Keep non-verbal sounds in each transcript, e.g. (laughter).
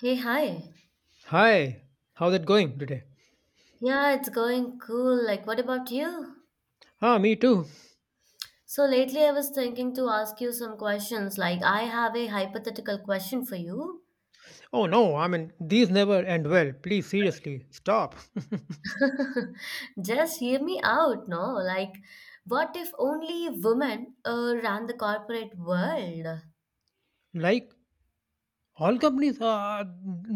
Hey, hi. Hi, how's it going today? Yeah, it's going cool. Like, what about you? Ah, me too. So, lately I was thinking to ask you some questions. Like, I have a hypothetical question for you. Oh no, I mean, these never end well. Please, seriously, stop. (laughs) (laughs) Just hear me out, no? Like, what if only women ran the corporate world? Like, all companies are.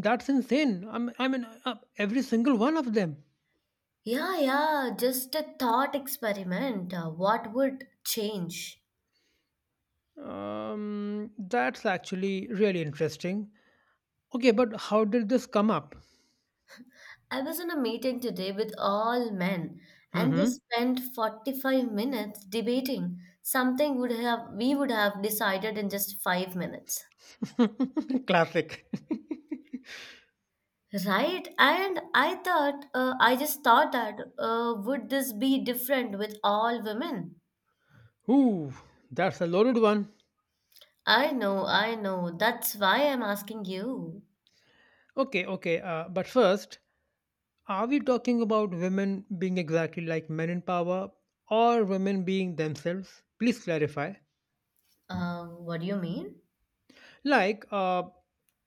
That's insane. I mean, every single one of them. Yeah, yeah, just a thought experiment. What would change? That's actually really interesting. Okay, but how did this come up? I was in a meeting today with all men, and they Mm-hmm. spent 45 minutes debating something would have we would have decided in just 5 minutes. (laughs) Classic. Right? And I just thought that would this be different with all women? (laughs) Ooh, that's a loaded one. I know, I know. That's why I'm asking you. Okay, okay, but first, are we talking about women being exactly like men in power or women being themselves? Please clarify. What do you mean? Like, uh,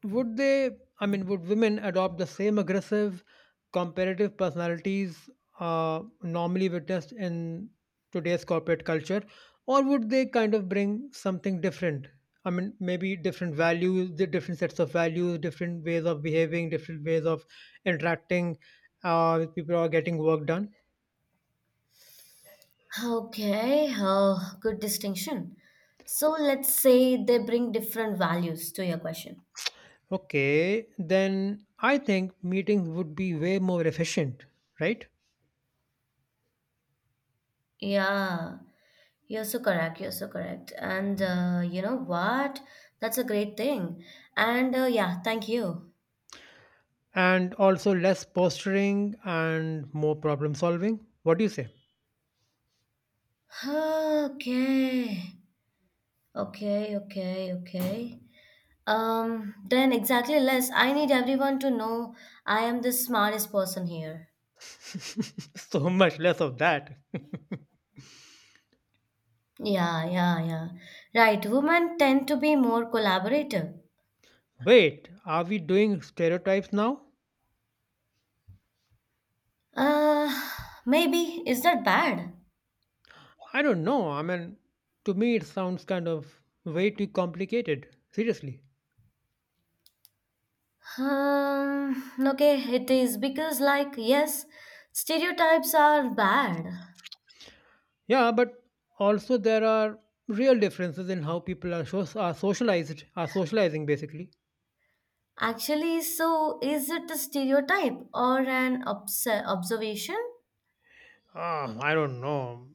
would they, I mean, would women adopt the same aggressive, competitive personalities normally witnessed in today's corporate culture? Or would they kind of bring something different? I mean, maybe different values, the different sets of values, different ways of behaving, different ways of interacting with people or getting work done? Okay, good distinction. So let's say they bring different values to your question. Okay, then I think meetings would be way more efficient, right? Yeah, you're so correct. You're so correct. And you know what? That's a great thing. And yeah, thank you. And also less posturing and more problem solving. What do you say? (sighs) Okay. Okay, okay, okay. Then exactly less. I need everyone to know I am the smartest person here. (laughs) So much less of that. (laughs) Yeah, yeah, yeah. Right. Women tend to be more collaborative. Wait, are we doing stereotypes now? Uh, maybe. Is that bad? I don't know. I mean, to me, it sounds kind of way too complicated. Seriously. Um, okay, it is because, like, yes, stereotypes are bad. Yeah, but also there are real differences in how people are, so- are socialized, are socializing basically. Actually, so is it a stereotype or an observation? Ah, I don't know.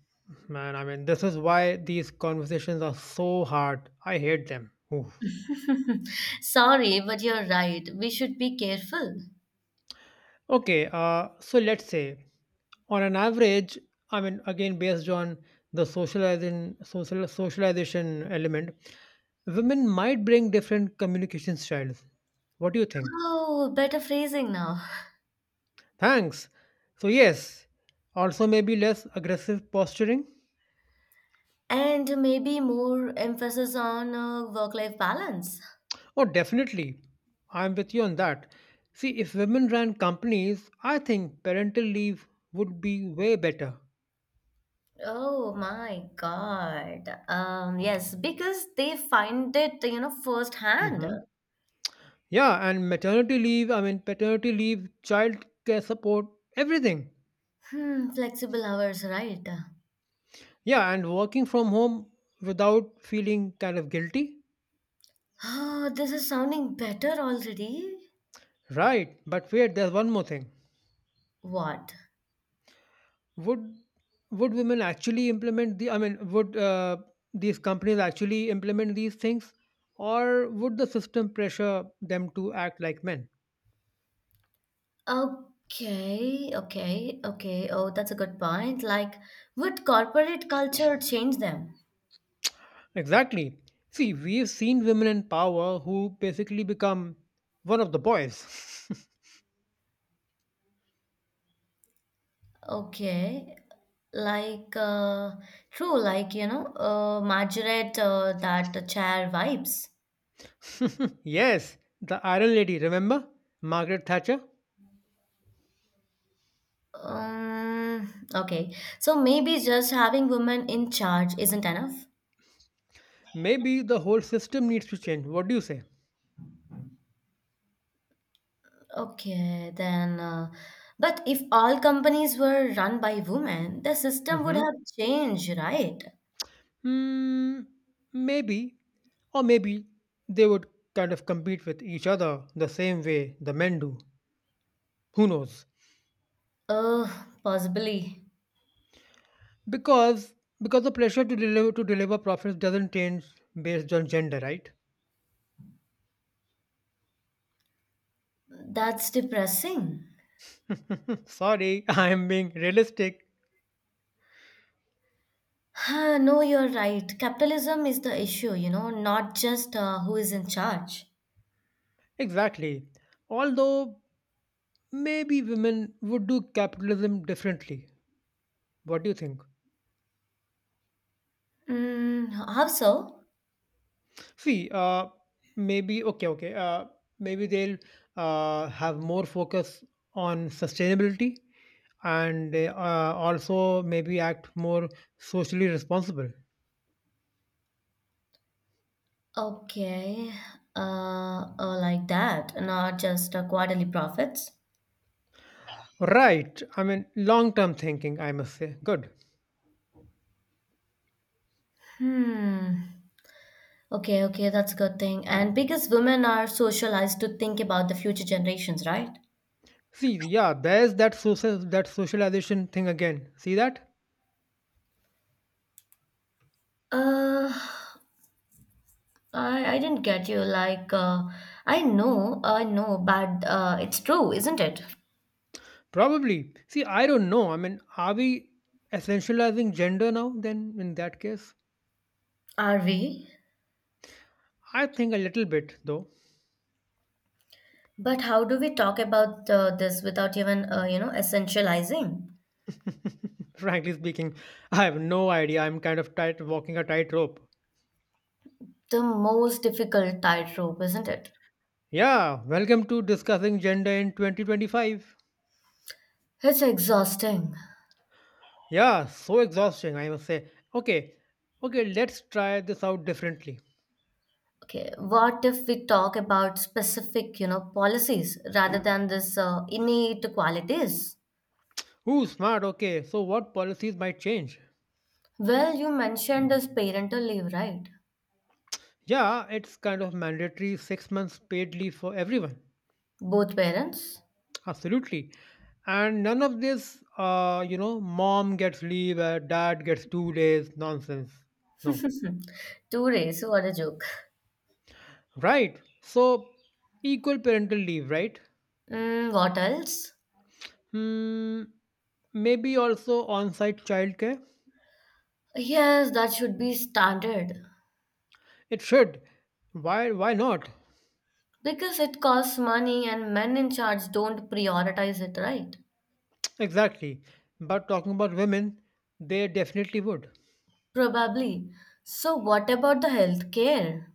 Man, I mean, this is why these conversations are so hard. I hate them. Oof. (laughs) Sorry, but you're right. We should be careful. Okay, so let's say on an average, I mean, again, based on the socialization element, women might bring different communication styles. What do you think? Oh, better phrasing now. Thanks. So, yes, also maybe less aggressive posturing. And maybe more emphasis on work-life balance. Oh, definitely. I'm with you on that. See, if women ran companies, I think parental leave would be way better. Oh my God. Yes, because they find it, you know, firsthand. hmm Yeah, and maternity leave, I mean, paternity leave, child care support, everything. Hmm, flexible hours, right? Yeah, and working from home without feeling kind of guilty. Oh, this is sounding better already. Right, but wait, there's one more thing. What? Would would women actually implement, would these companies actually implement these things? Or would the system pressure them to act like men? Okay, okay, okay. Oh, that's a good point. Like, would corporate culture change them? Exactly. See, we've seen women in power who basically become one of the boys. Okay, like, true, like, you know, Margaret, that chair vibes. (laughs) Yes, the Iron Lady, remember? Margaret Thatcher? Okay, so maybe just having women in charge isn't enough. Maybe the whole system needs to change. What do you say? Okay, then, but if all companies were run by women, the system would Mm-hmm. have changed, right? Hmm, maybe. Or maybe they would kind of compete with each other the same way the men do. Who knows? Uh, possibly. Because because the pressure to deliver profits doesn't change based on gender, right? That's depressing. (laughs) Sorry, I am being realistic. Huh, no, you're right. Capitalism is the issue, you know, not just who is in charge. Exactly. Although maybe women would do capitalism differently. What do you think? Mm, how so? See, maybe okay, okay. Maybe they'll have more focus on sustainability, and also maybe act more socially responsible. Okay, like that, not just quarterly profits. Right. I mean, long-term thinking. I must say, good. Hmm. Okay, okay, that's a good thing. And because women are socialized to think about the future generations, right? See, yeah, there's that socialization thing again. See that? Uh, I didn't get you. Like, I know, but it's true, isn't it? Probably. See, I don't know. I mean, are we essentializing gender now then in that case? Are we? I think a little bit though. But how do we talk about this without even, you know, essentializing? (laughs) Frankly speaking, I have no idea. I'm kind of tight walking a tightrope. The most difficult tightrope, isn't it? Yeah, welcome to discussing gender in 2025. It's exhausting. Yeah, so exhausting, I must say. Okay, okay, let's try this out differently. Okay, what if we talk about specific, you know, policies rather than this innate qualities? Ooh, smart. Okay, so what policies might change? Well, you mentioned this parental leave, right? Yeah, it's kind of mandatory 6 months paid leave for everyone. Both parents? Absolutely. And none of this, you know, mom gets leave, dad gets 2 days, nonsense. No. (laughs) 2 days, what a joke. Right. So, equal parental leave, right? Mm, what else? Hmm. Maybe also on site childcare? Yes, that should be standard. It should. Why not? Because it costs money and men in charge don't prioritize it, right? (tsk) Exactly. But talking about women, they definitely would. Probably. So, what about the healthcare?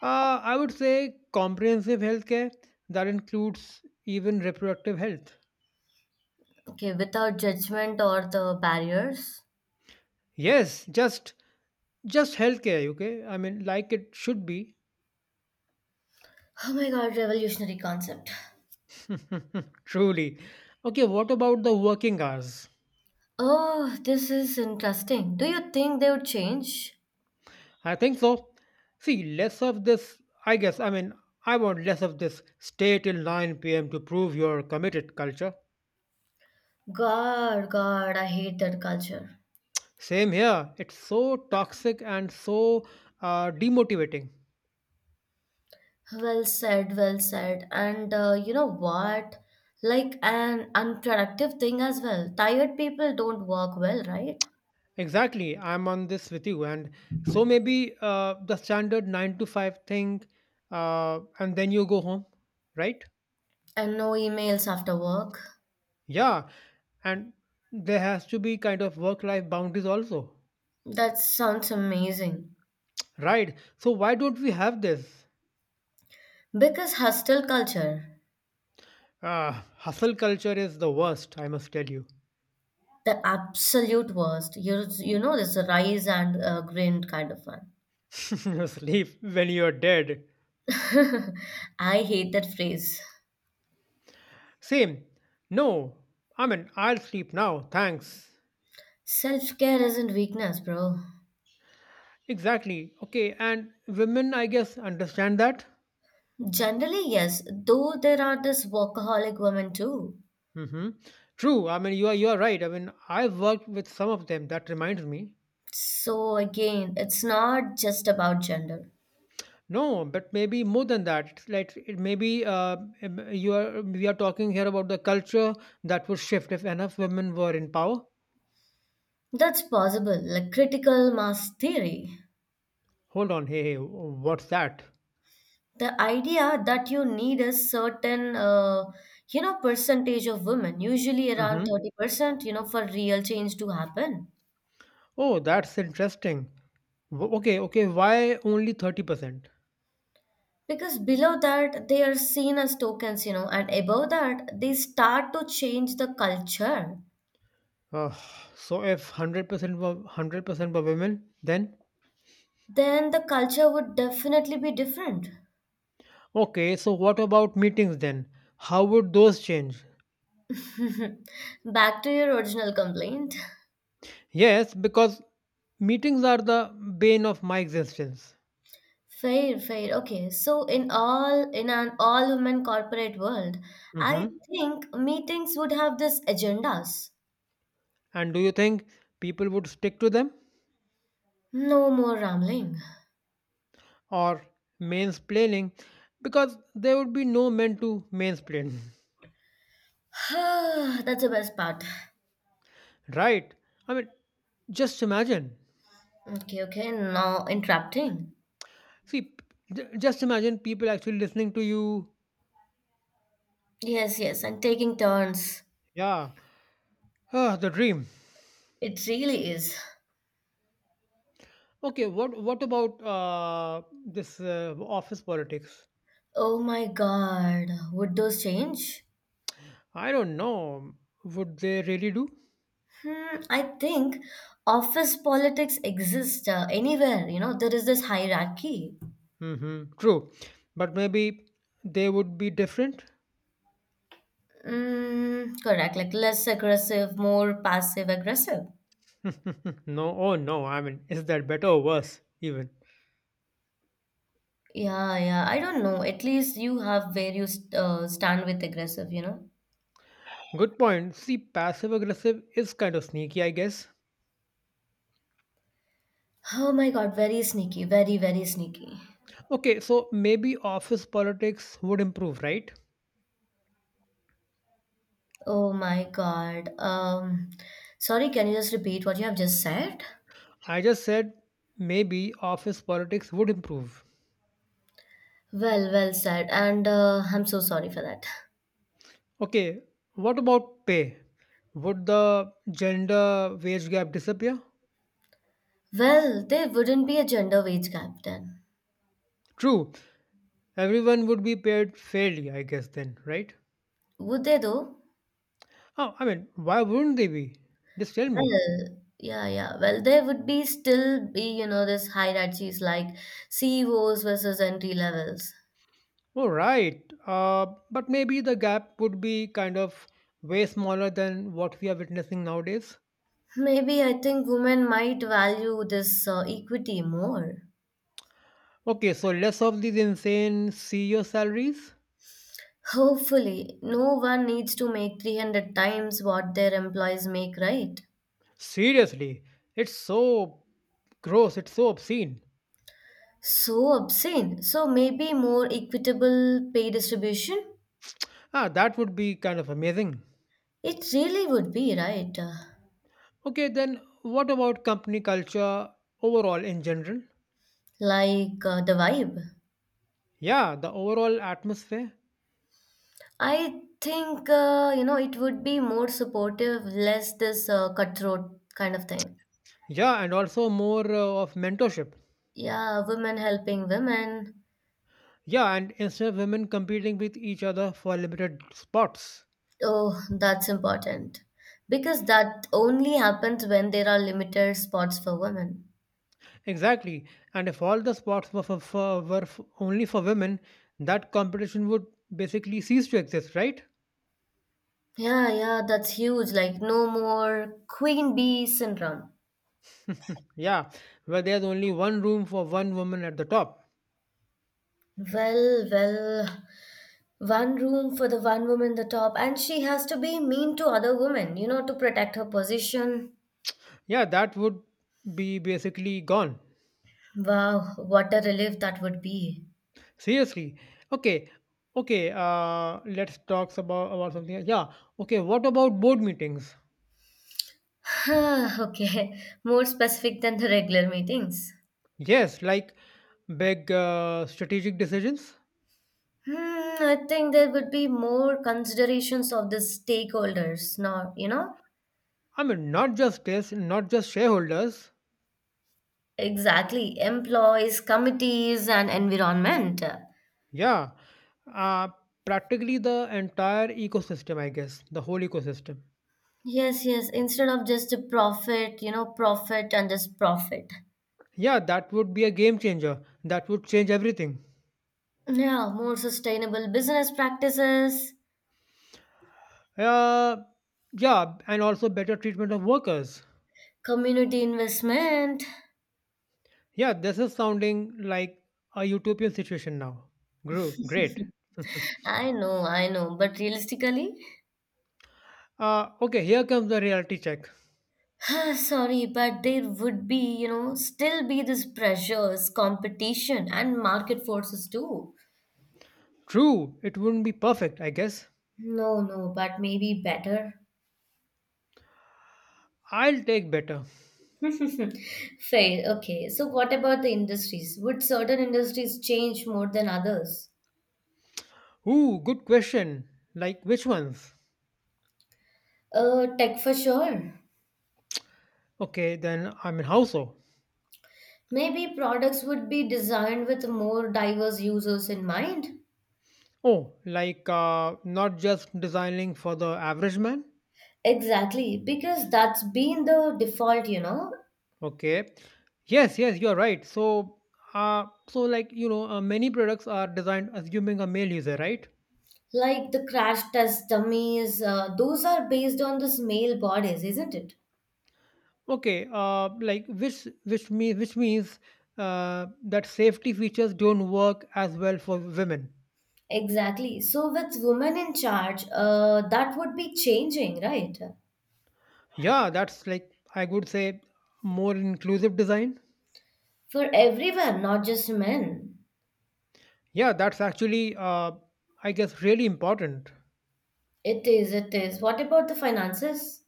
I would say comprehensive healthcare that includes even reproductive health. Okay, without judgment or the barriers? Yes, just healthcare, okay? I mean, like it should be. Oh my god, revolutionary concept. (laughs) Truly. Okay, what about the working hours? Oh, this is interesting. Do you think they would change? I think so. See, less of this, I guess. I mean, I want less of this stay till 9 p.m. to prove you're committed culture. God, God, I hate that culture. Same here. It's so toxic and so demotivating. Well said, well said. And you know what? Like an unproductive thing as well. Tired people don't work well, right? Exactly. I'm on this with you. And so maybe the standard 9 to 5 thing, and then you go home, right? And no emails after work. Yeah, and there has to be kind of work life boundaries also, That sounds amazing. right? So, why don't we have this? Because hostel culture, Ah, hustle culture is the worst, I must tell you. the absolute worst. You know this rise and grind kind of one. (laughs) Sleep when you're dead. (laughs) I hate that phrase. Same. No, I mean, I'll sleep now, thanks. Self care isn't weakness, bro. Exactly. Okay, and women, I guess, understand that. Generally, yes, though there are this workaholic women too. Mm-hmm. True. I mean, you are right. I mean, I've worked with some of them. That reminds me. So again, it's not just about gender. No, but maybe more than that. It's like it maybe you are we are talking here about the culture that would shift if enough women were in power. That's possible, like critical mass theory. Hold on, hey, what's that? The idea that you need a certain, you know, percentage of women, usually around Mm-hmm. 30%, you know, for real change to happen. Oh, that's interesting. Okay, okay. Why only 30%? Because below that, they are seen as tokens, you know, and above that, they start to change the culture. Uh, so if 100% were women, then Then the culture would definitely be different. okay. So what about meetings then? How would those change? (laughs) Back to your original complaint. Yes, because meetings are the bane of my existence. Fair, fair. Okay. So in an all women corporate world, I Mm-hmm. think meetings would have this agendas. And do you think people would stick to them No more rambling. or mansplaining? Because there would be no men to mansplain, (sighs) That's the best part. (laughs) right? I mean, just imagine. Okay, okay. Now interrupting. See, p- just imagine people actually listening to you. Yes, yes, and taking turns. Yeah, ah, the dream. It really is. Okay, what about this office politics? Oh my God. Would those change? I don't know. Would they really do? Hmm, I think office politics exist anywhere. You know, there is this hierarchy. Mm-hmm. True, but maybe they would be different. Mm, correct, like less aggressive, more passive aggressive. (laughs) No, oh no. I mean, is that better or worse? Even Yeah, yeah. I don't know. At least you have where you stand with aggressive, you know? good point. See, passive aggressive is kind of sneaky, I guess. Oh my God, very sneaky, very, very sneaky. Okay, so maybe office politics would improve, right? Oh my God. Sorry, can you just repeat what you have just said? I just said maybe office politics would improve. Well, well said, and I'm so sorry for that. Okay, what about pay? Would the gender wage gap disappear? Well, there wouldn't be a gender wage gap then, True, everyone would be paid fairly, I guess, then, right? would there though? Oh, I mean, why wouldn't they be? Just tell me. Well, yeah, yeah. Well, there would be still be, you know, this hierarchies like CEOs versus entry levels. Oh, right. Uh, but maybe the gap would be kind of way smaller than what we are witnessing nowadays. Maybe I think women might value this equity more. Okay, so less of these insane CEO salaries? Hopefully, no one needs to make 300 times what their employees make, right? Seriously, it's so gross, it's so obscene. So obscene. So maybe more equitable pay distribution? Ah, that would be kind of amazing. It really would be, right? Okay, then what about company culture overall in general? like the vibe. Yeah, the overall atmosphere. I think you know it would be more supportive, less this cutthroat kind of thing. Yeah, and also more of mentorship. Yeah, women helping women. Yeah, and instead of women competing with each other for limited spots. Oh, that's important because that only happens when there are limited spots for women. Exactly. And if all the spots were, for, were f only for women, that competition would basically cease to exist, right? Yeah, yeah, that's huge. Like no more queen bee syndrome. Yeah, where there's only one room for one woman at the top. Well, well, one room for the one woman in the top, and she has to be mean to other women, you know, to protect her position. Yeah, that would be basically gone. Wow, what a relief that would be. Seriously. Okay. Okay, let's talk about something else. Yeah. Okay, what about board meetings? Huh, okay. (laughs) More specific than the regular meetings. Yes, like big strategic decisions. Hmm, I think there would be more considerations of the stakeholders, not, you know, I mean, not just shareholders. exactly employees, committees, and environment. Yeah. Uh Practically the entire ecosystem, I guess. The whole ecosystem. Yes, yes. Instead of just a profit, you know, profit and just profit. Yeah, that would be a game changer. That would change everything. Yeah, more sustainable business practices, Uh, yeah, and also better treatment of workers. community investment. Yeah, this is sounding like a utopian situation now. Gru, great. (laughs) I know, but realistically, Okay, here comes the reality check. (sighs) sorry, but there would be, you know, still be this pressures, competition, and market forces too. True, it wouldn't be perfect, I guess. No, no, but maybe better. I'll take better. (laughs) Fair. Okay. So, what about the industries? Would certain industries change more than others? Ooh, good question. Like which ones? Tech for sure. Okay, then I mean how so? Maybe products would be designed with more diverse users in mind. Oh, like not just designing for the average man? Exactly, because that's been the default, you know. Okay. Yes, yes, you're right. So, many products are designed assuming a male user, right? Like the crash test dummies, those are based on these male bodies, isn't it? Okay. Which means that safety features don't work as well for women. Exactly. So, with women in charge, that would be changing, right? Yeah, that's like I would say more inclusive design. For everyone, not just men. Yeah, that's actually, I guess really important. It is, it is. What about the finances?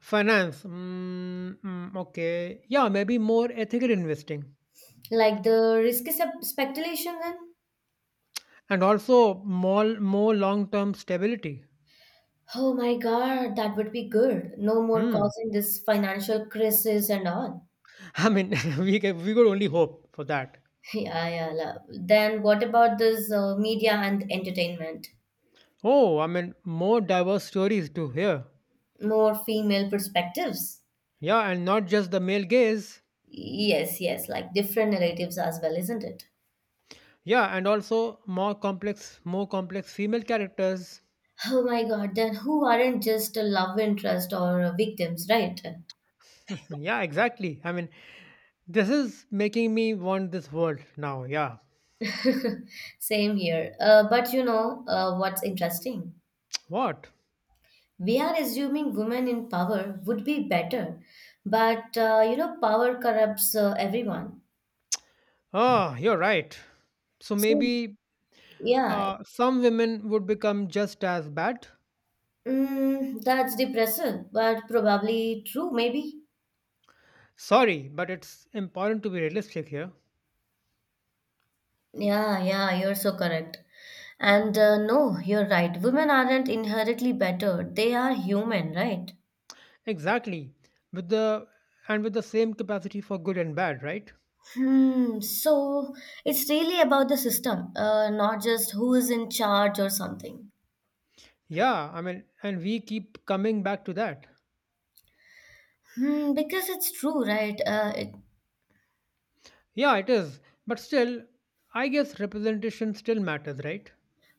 Finance. Okay. Yeah, maybe more ethical investing. Like the risky speculation then? And also more long-term stability. Oh my God, that would be good. No more Hmm. causing this financial crisis and all. (laughs) I mean, (laughs) we could only hope for that. Yeah, yeah. Then what about this media and entertainment? Oh, I mean, more diverse stories to hear. More female perspectives. Yeah, and not just the male gaze. Yes, yes, like different narratives as well, isn't it? Yeah, and also more complex female characters. Oh my God, then who aren't just a love interest or victims, right? (laughs) Yeah, exactly. I mean, this is making me want this world now. Yeah. Same here. But you know what's interesting? (tsk) What? We are assuming women in power would be better, but you know, power corrupts everyone. Oh, you're right. So So, maybe yeah, some women would become just as bad. mm, that's depressing, but probably true, maybe. Sorry, but it's important to be realistic here. Yeah, yeah, you're so correct. And no, you're right. Women aren't inherently better. They are human, right? Exactly. With the with the same capacity for good and bad, right? Hmm. So it's really about the system, not just who is in charge or something. Yeah, I mean, and we keep coming back to that. Hmm. Because it's true, right? Yeah, it is. But still, I guess representation still matters, right?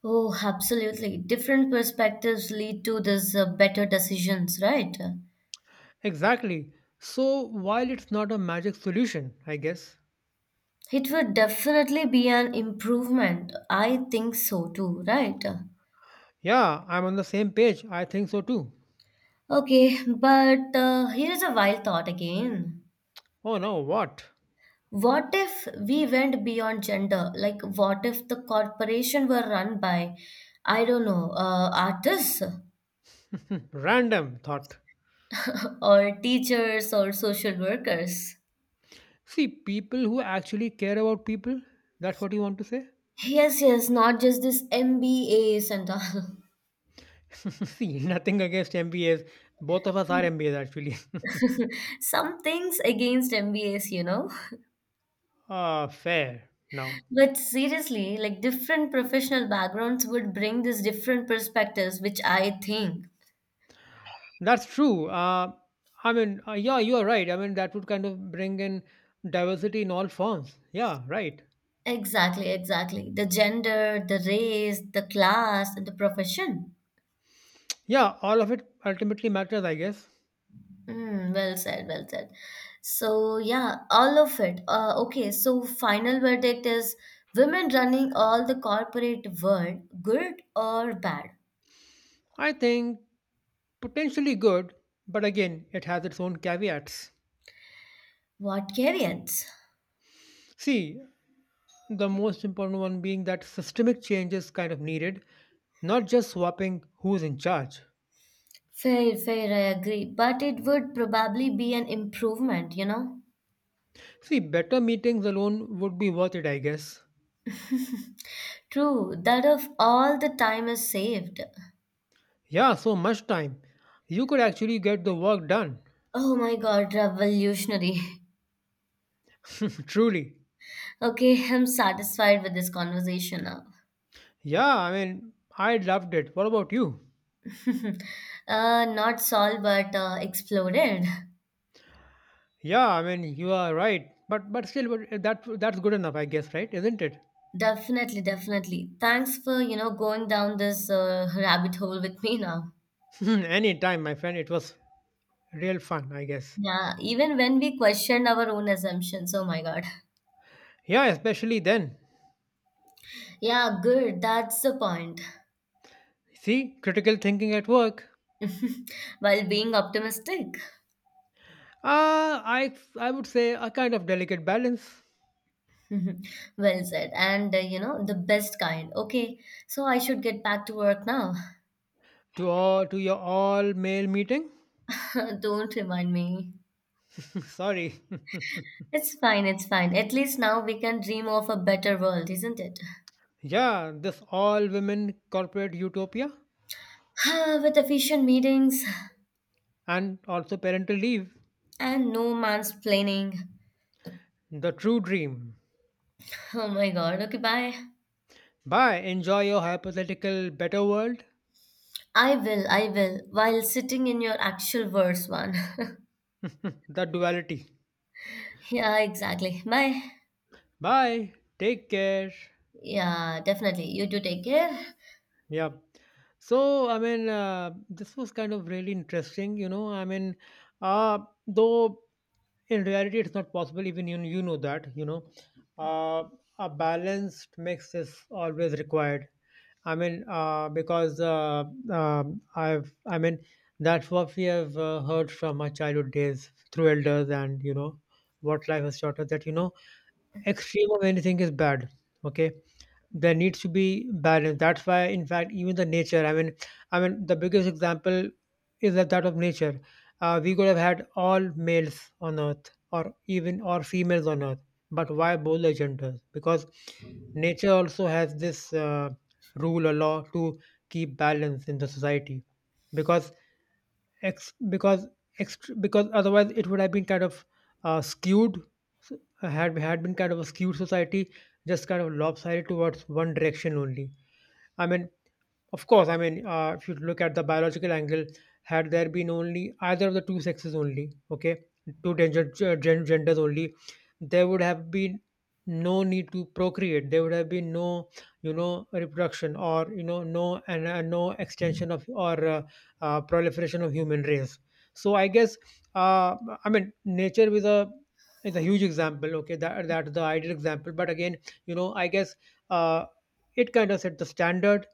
Oh, absolutely. Different perspectives lead to this better decisions, right? Exactly. So while it's not a magic solution, I guess. It would definitely be an improvement. I think so too, right? Yeah, I'm on the same page. I think so too. Okay, but here is a wild thought again. Oh no, what? What if we went beyond gender? Like, what if the corporation were run by, I don't know, artists Hmm, random thought. (laughs) or teachers or social workers? See, people who actually care about people, that's what you want to say? Yes, yes, not just this MBAs and all. (laughs) See, nothing against MBAs. Both of us are MBAs actually. (laughs) (laughs) Some things against MBAs, you know. (laughs) Ah, fair. Now, But seriously, like different professional backgrounds would bring these different perspectives, which I think that's true. Yeah, you are right. I mean, that would kind of bring in diversity in all forms. Yeah, right. exactly, exactly. The gender, the race, the class, and the profession. Yeah, all of it ultimately matters, I guess. Mm, well said, well said. So, yeah, all of it. Okay, so final verdict is women running all the corporate world, good or bad? I think potentially good, but again, it has its own caveats. What variants? See, the most important one being that systemic change is kind of needed, not just swapping who's in charge. Fair, fair, I agree. But it would probably be an improvement, you know? See, better meetings alone would be worth it, I guess. True, that of all the time is saved. Yeah, so much time. You could actually get the work done. Oh my God, revolutionary. (laughs) (laughs) Truly. Okay, (laughs) I'm satisfied with this conversation now. Yeah, I mean, I loved it. What about you? (laughs) Not solved, but exploded. Yeah, I mean, you are right. But still, but that's good enough, I guess, right? Isn't it? Definitely, definitely. Thanks for, you know, going down this rabbit hole with me now. (laughs) Any time, my friend. It was real fun, I guess. Yeah, even when we questioned our own assumptions, oh my God. Yeah, especially then. Yeah, good. That's the point. See, critical thinking at work. (laughs) While being optimistic. (laughs) I would say a kind of delicate balance Well said. And, you know, the best kind. Okay, so I should get back to work now. To your all male meeting. (laughs) Don't remind me. (laughs) Sorry. (laughs) It's fine, it's fine. At least now we can dream of a better world, isn't it? (sighs) Yeah, this all women corporate utopia Ah, with efficient meetings and also parental leave, and no mansplaining. the true dream. Oh my god, okay, bye. Bye, enjoy your hypothetical better world, I will, while sitting in your actual verse one. (laughs) the duality. (laughs) Yeah, exactly. Bye. Bye, take care. Yeah, definitely. You do take care. Yeah. This was kind of really interesting. You know. I mean, uh, though in reality it's not possible, even you, you know that. Uh, a balanced mix is always required. I mean, I mean, that's what we have heard from our childhood days through elders and, what life has taught us that, extreme of anything is bad. Okay, there needs to be balance. That's why, in fact, even the nature, I mean the biggest example is that of nature. We could have had all males on earth or even or females on earth, but why both the genders? Because nature also has this rule or law to keep balance in the society, because ex- because otherwise it would have been kind of skewed. So, had been kind of a skewed society, just kind of lopsided towards one direction only. I mean, of course, I mean, if you look at the biological angle, had there been only either of the two sexes only, okay, genders only, there would have been no need to procreate. There would have been no, reproduction, or no extension of or proliferation of human race. So I guess, uh, I mean, nature is a huge example. Okay, that's the ideal example. But again, I guess uh, it kind of set the standard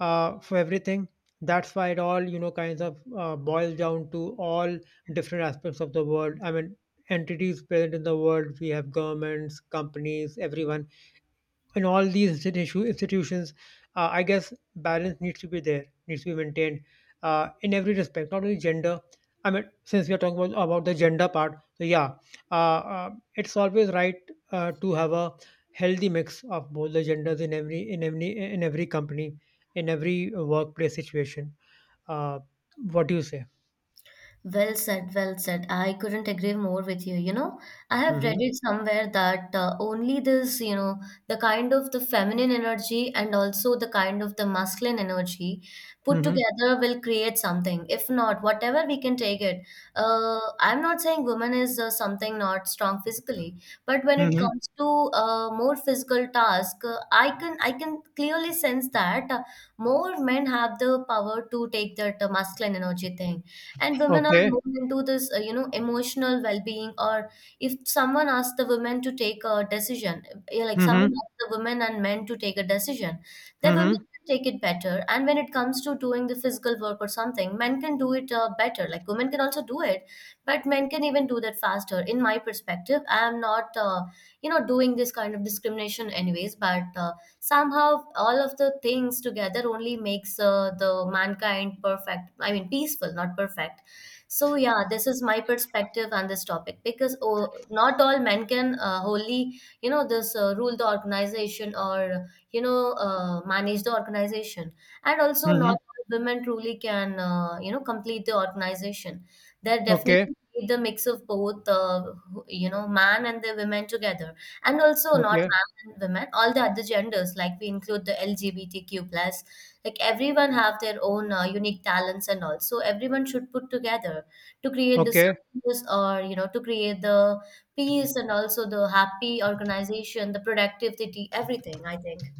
for everything. That's why it all, kinds of boils down to all different aspects of the world. I mean, entities present in the world. We have governments, companies, everyone in all these institutions. I guess balance needs to be there, needs to be maintained in every respect, not only gender. I mean, since we are talking about the gender part, so yeah, uh, uh, it's always right to have a healthy mix of both the genders in every company, in every workplace situation. Uh, what do you say? Well said, well said. I couldn't agree more with you. You know, I have read Mm-hmm. it somewhere that only this, you know, the kind of the feminine energy and also the kind of the masculine energy put Mm-hmm. together will create something. If not, whatever we can take it. I'm not saying woman is something not strong physically, but when it Mm-hmm. comes to more physical task, uh, I can clearly sense that more men have the power to take that masculine energy thing, and women are Okay. more into this you know emotional well-being. Or if someone asks the women to take a decision, like someone Mm-hmm. asks the women and men to take a decision, the Mm-hmm. women can take it better. And when it comes to doing the physical work or something, men can do it better. Like women can also do it, but men can even do that faster in my perspective. I am not you know doing this kind of discrimination anyways, but somehow all of the things together only makes the mankind perfect. I mean peaceful, not perfect. So yeah, this is my perspective on this topic, because oh, not all men can wholly you know this rule the organization, or you know manage the organization. And also, not Mm-hmm. all women truly can you know complete the organization. There Okay. definitely need the mix of both you know man and the women together. And also not Okay. and women, all the other genders, like we include the LGBTQ plus, like everyone have their own unique talents and all. So everyone should put together to create the Okay. this, or you know, to create the peace, and also the happy organization, the productivity, everything I think.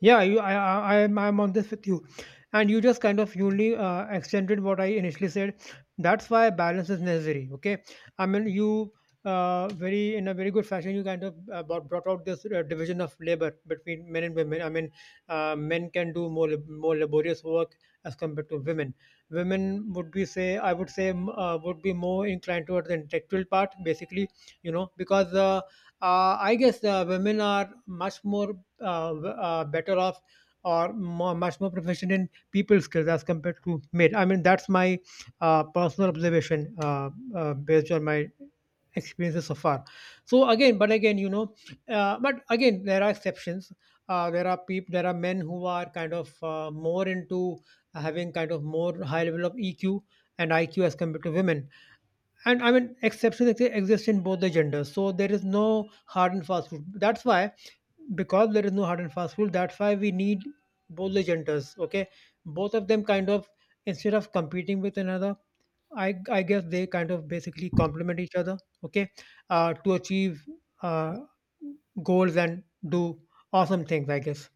Yeah, you, I, I'm on this with you. And you just kind of only extended what I initially said. That's why balance is necessary. Okay. I mean, you in a very good fashion, you kind of brought out this division of labor between men and women. I mean, men can do more laborious work as compared to women. Women I would say, would be more inclined towards the intellectual part, basically, you know, because I guess women are much more, better off or much more proficient in people skills as compared to men. I mean, that's my personal observation, based on my experiences so far. So again, but again, there are exceptions. There are men who are kind of more into having kind of more high level of EQ and IQ as compared to women. And I mean exceptions exist in both the genders, so there is no hard and fast rule. That's why, because there is no hard and fast rule, that's why we need both the genders. Okay, both of them kind of, instead of competing with another, I guess they kind of basically complement each other. Okay, to achieve uh, goals and do awesome things, I guess.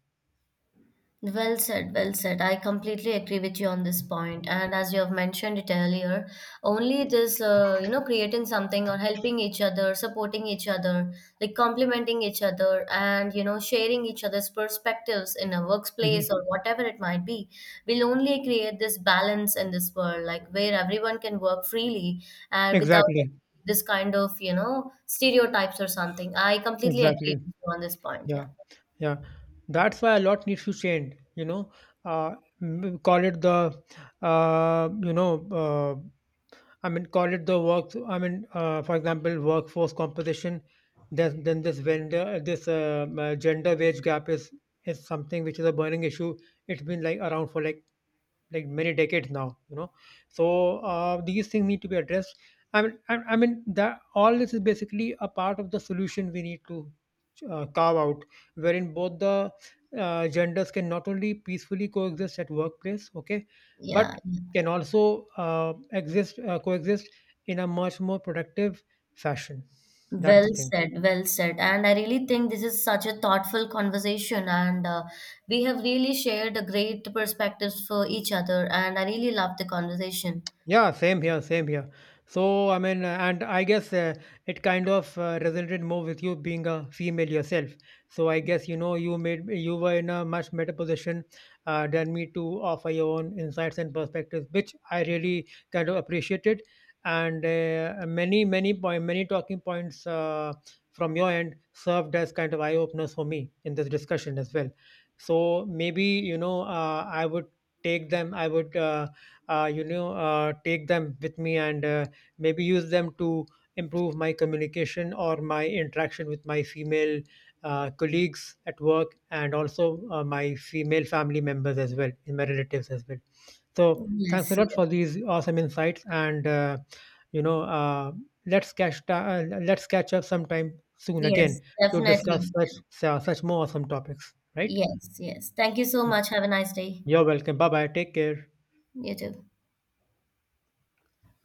Well said, well said. I completely agree with you on this point. And as you have mentioned it earlier, only this, you know, creating something, or helping each other, supporting each other, like complimenting each other, and, you know, sharing each other's perspectives in a Mhm. workplace or whatever it might be, will only create this balance in this world, like where everyone can work freely and without Exactly. this kind of, you know, stereotypes or something. I completely agree Exactly. with you on this point. Yeah, Yeah. yeah. That's why a lot needs to change. Uh, m- call it the, you know, I mean, call it the work. I mean, for example, workforce composition. Then this gender wage gap is something which is a burning issue. It's been like around for like many decades now. So these things need to be addressed. I mean that all this is basically a part of the solution we need to carve out, wherein both the genders can not only peacefully coexist at workplace, okay, Yeah. but can also exist coexist in a much more productive fashion. That's Well the thing. said, well said. And I really think this is such a thoughtful conversation, and we have really shared a great perspectives for each other. And I really love the conversation. Yeah, same here, same here. So, I mean, and I guess it kind of resonated more with you being a female yourself. So, I guess you were in a much better position than me to offer your own insights and perspectives, which I really kind of appreciated. And many talking points from your end served as kind of eye openers for me in this discussion as well. So, maybe, I would take them. I would. Take them with me and maybe use them to improve my communication or my interaction with my female colleagues at work, and also my female family members as well, in my relatives as well. So Yes, thanks a lot yes, for these awesome insights, and you know uh, let's let's catch up sometime soon yes, again to definitely. discuss such more awesome topics, right? Yes, yes. Thank you so much. Have a nice day. You're welcome. Bye bye, take care. You too.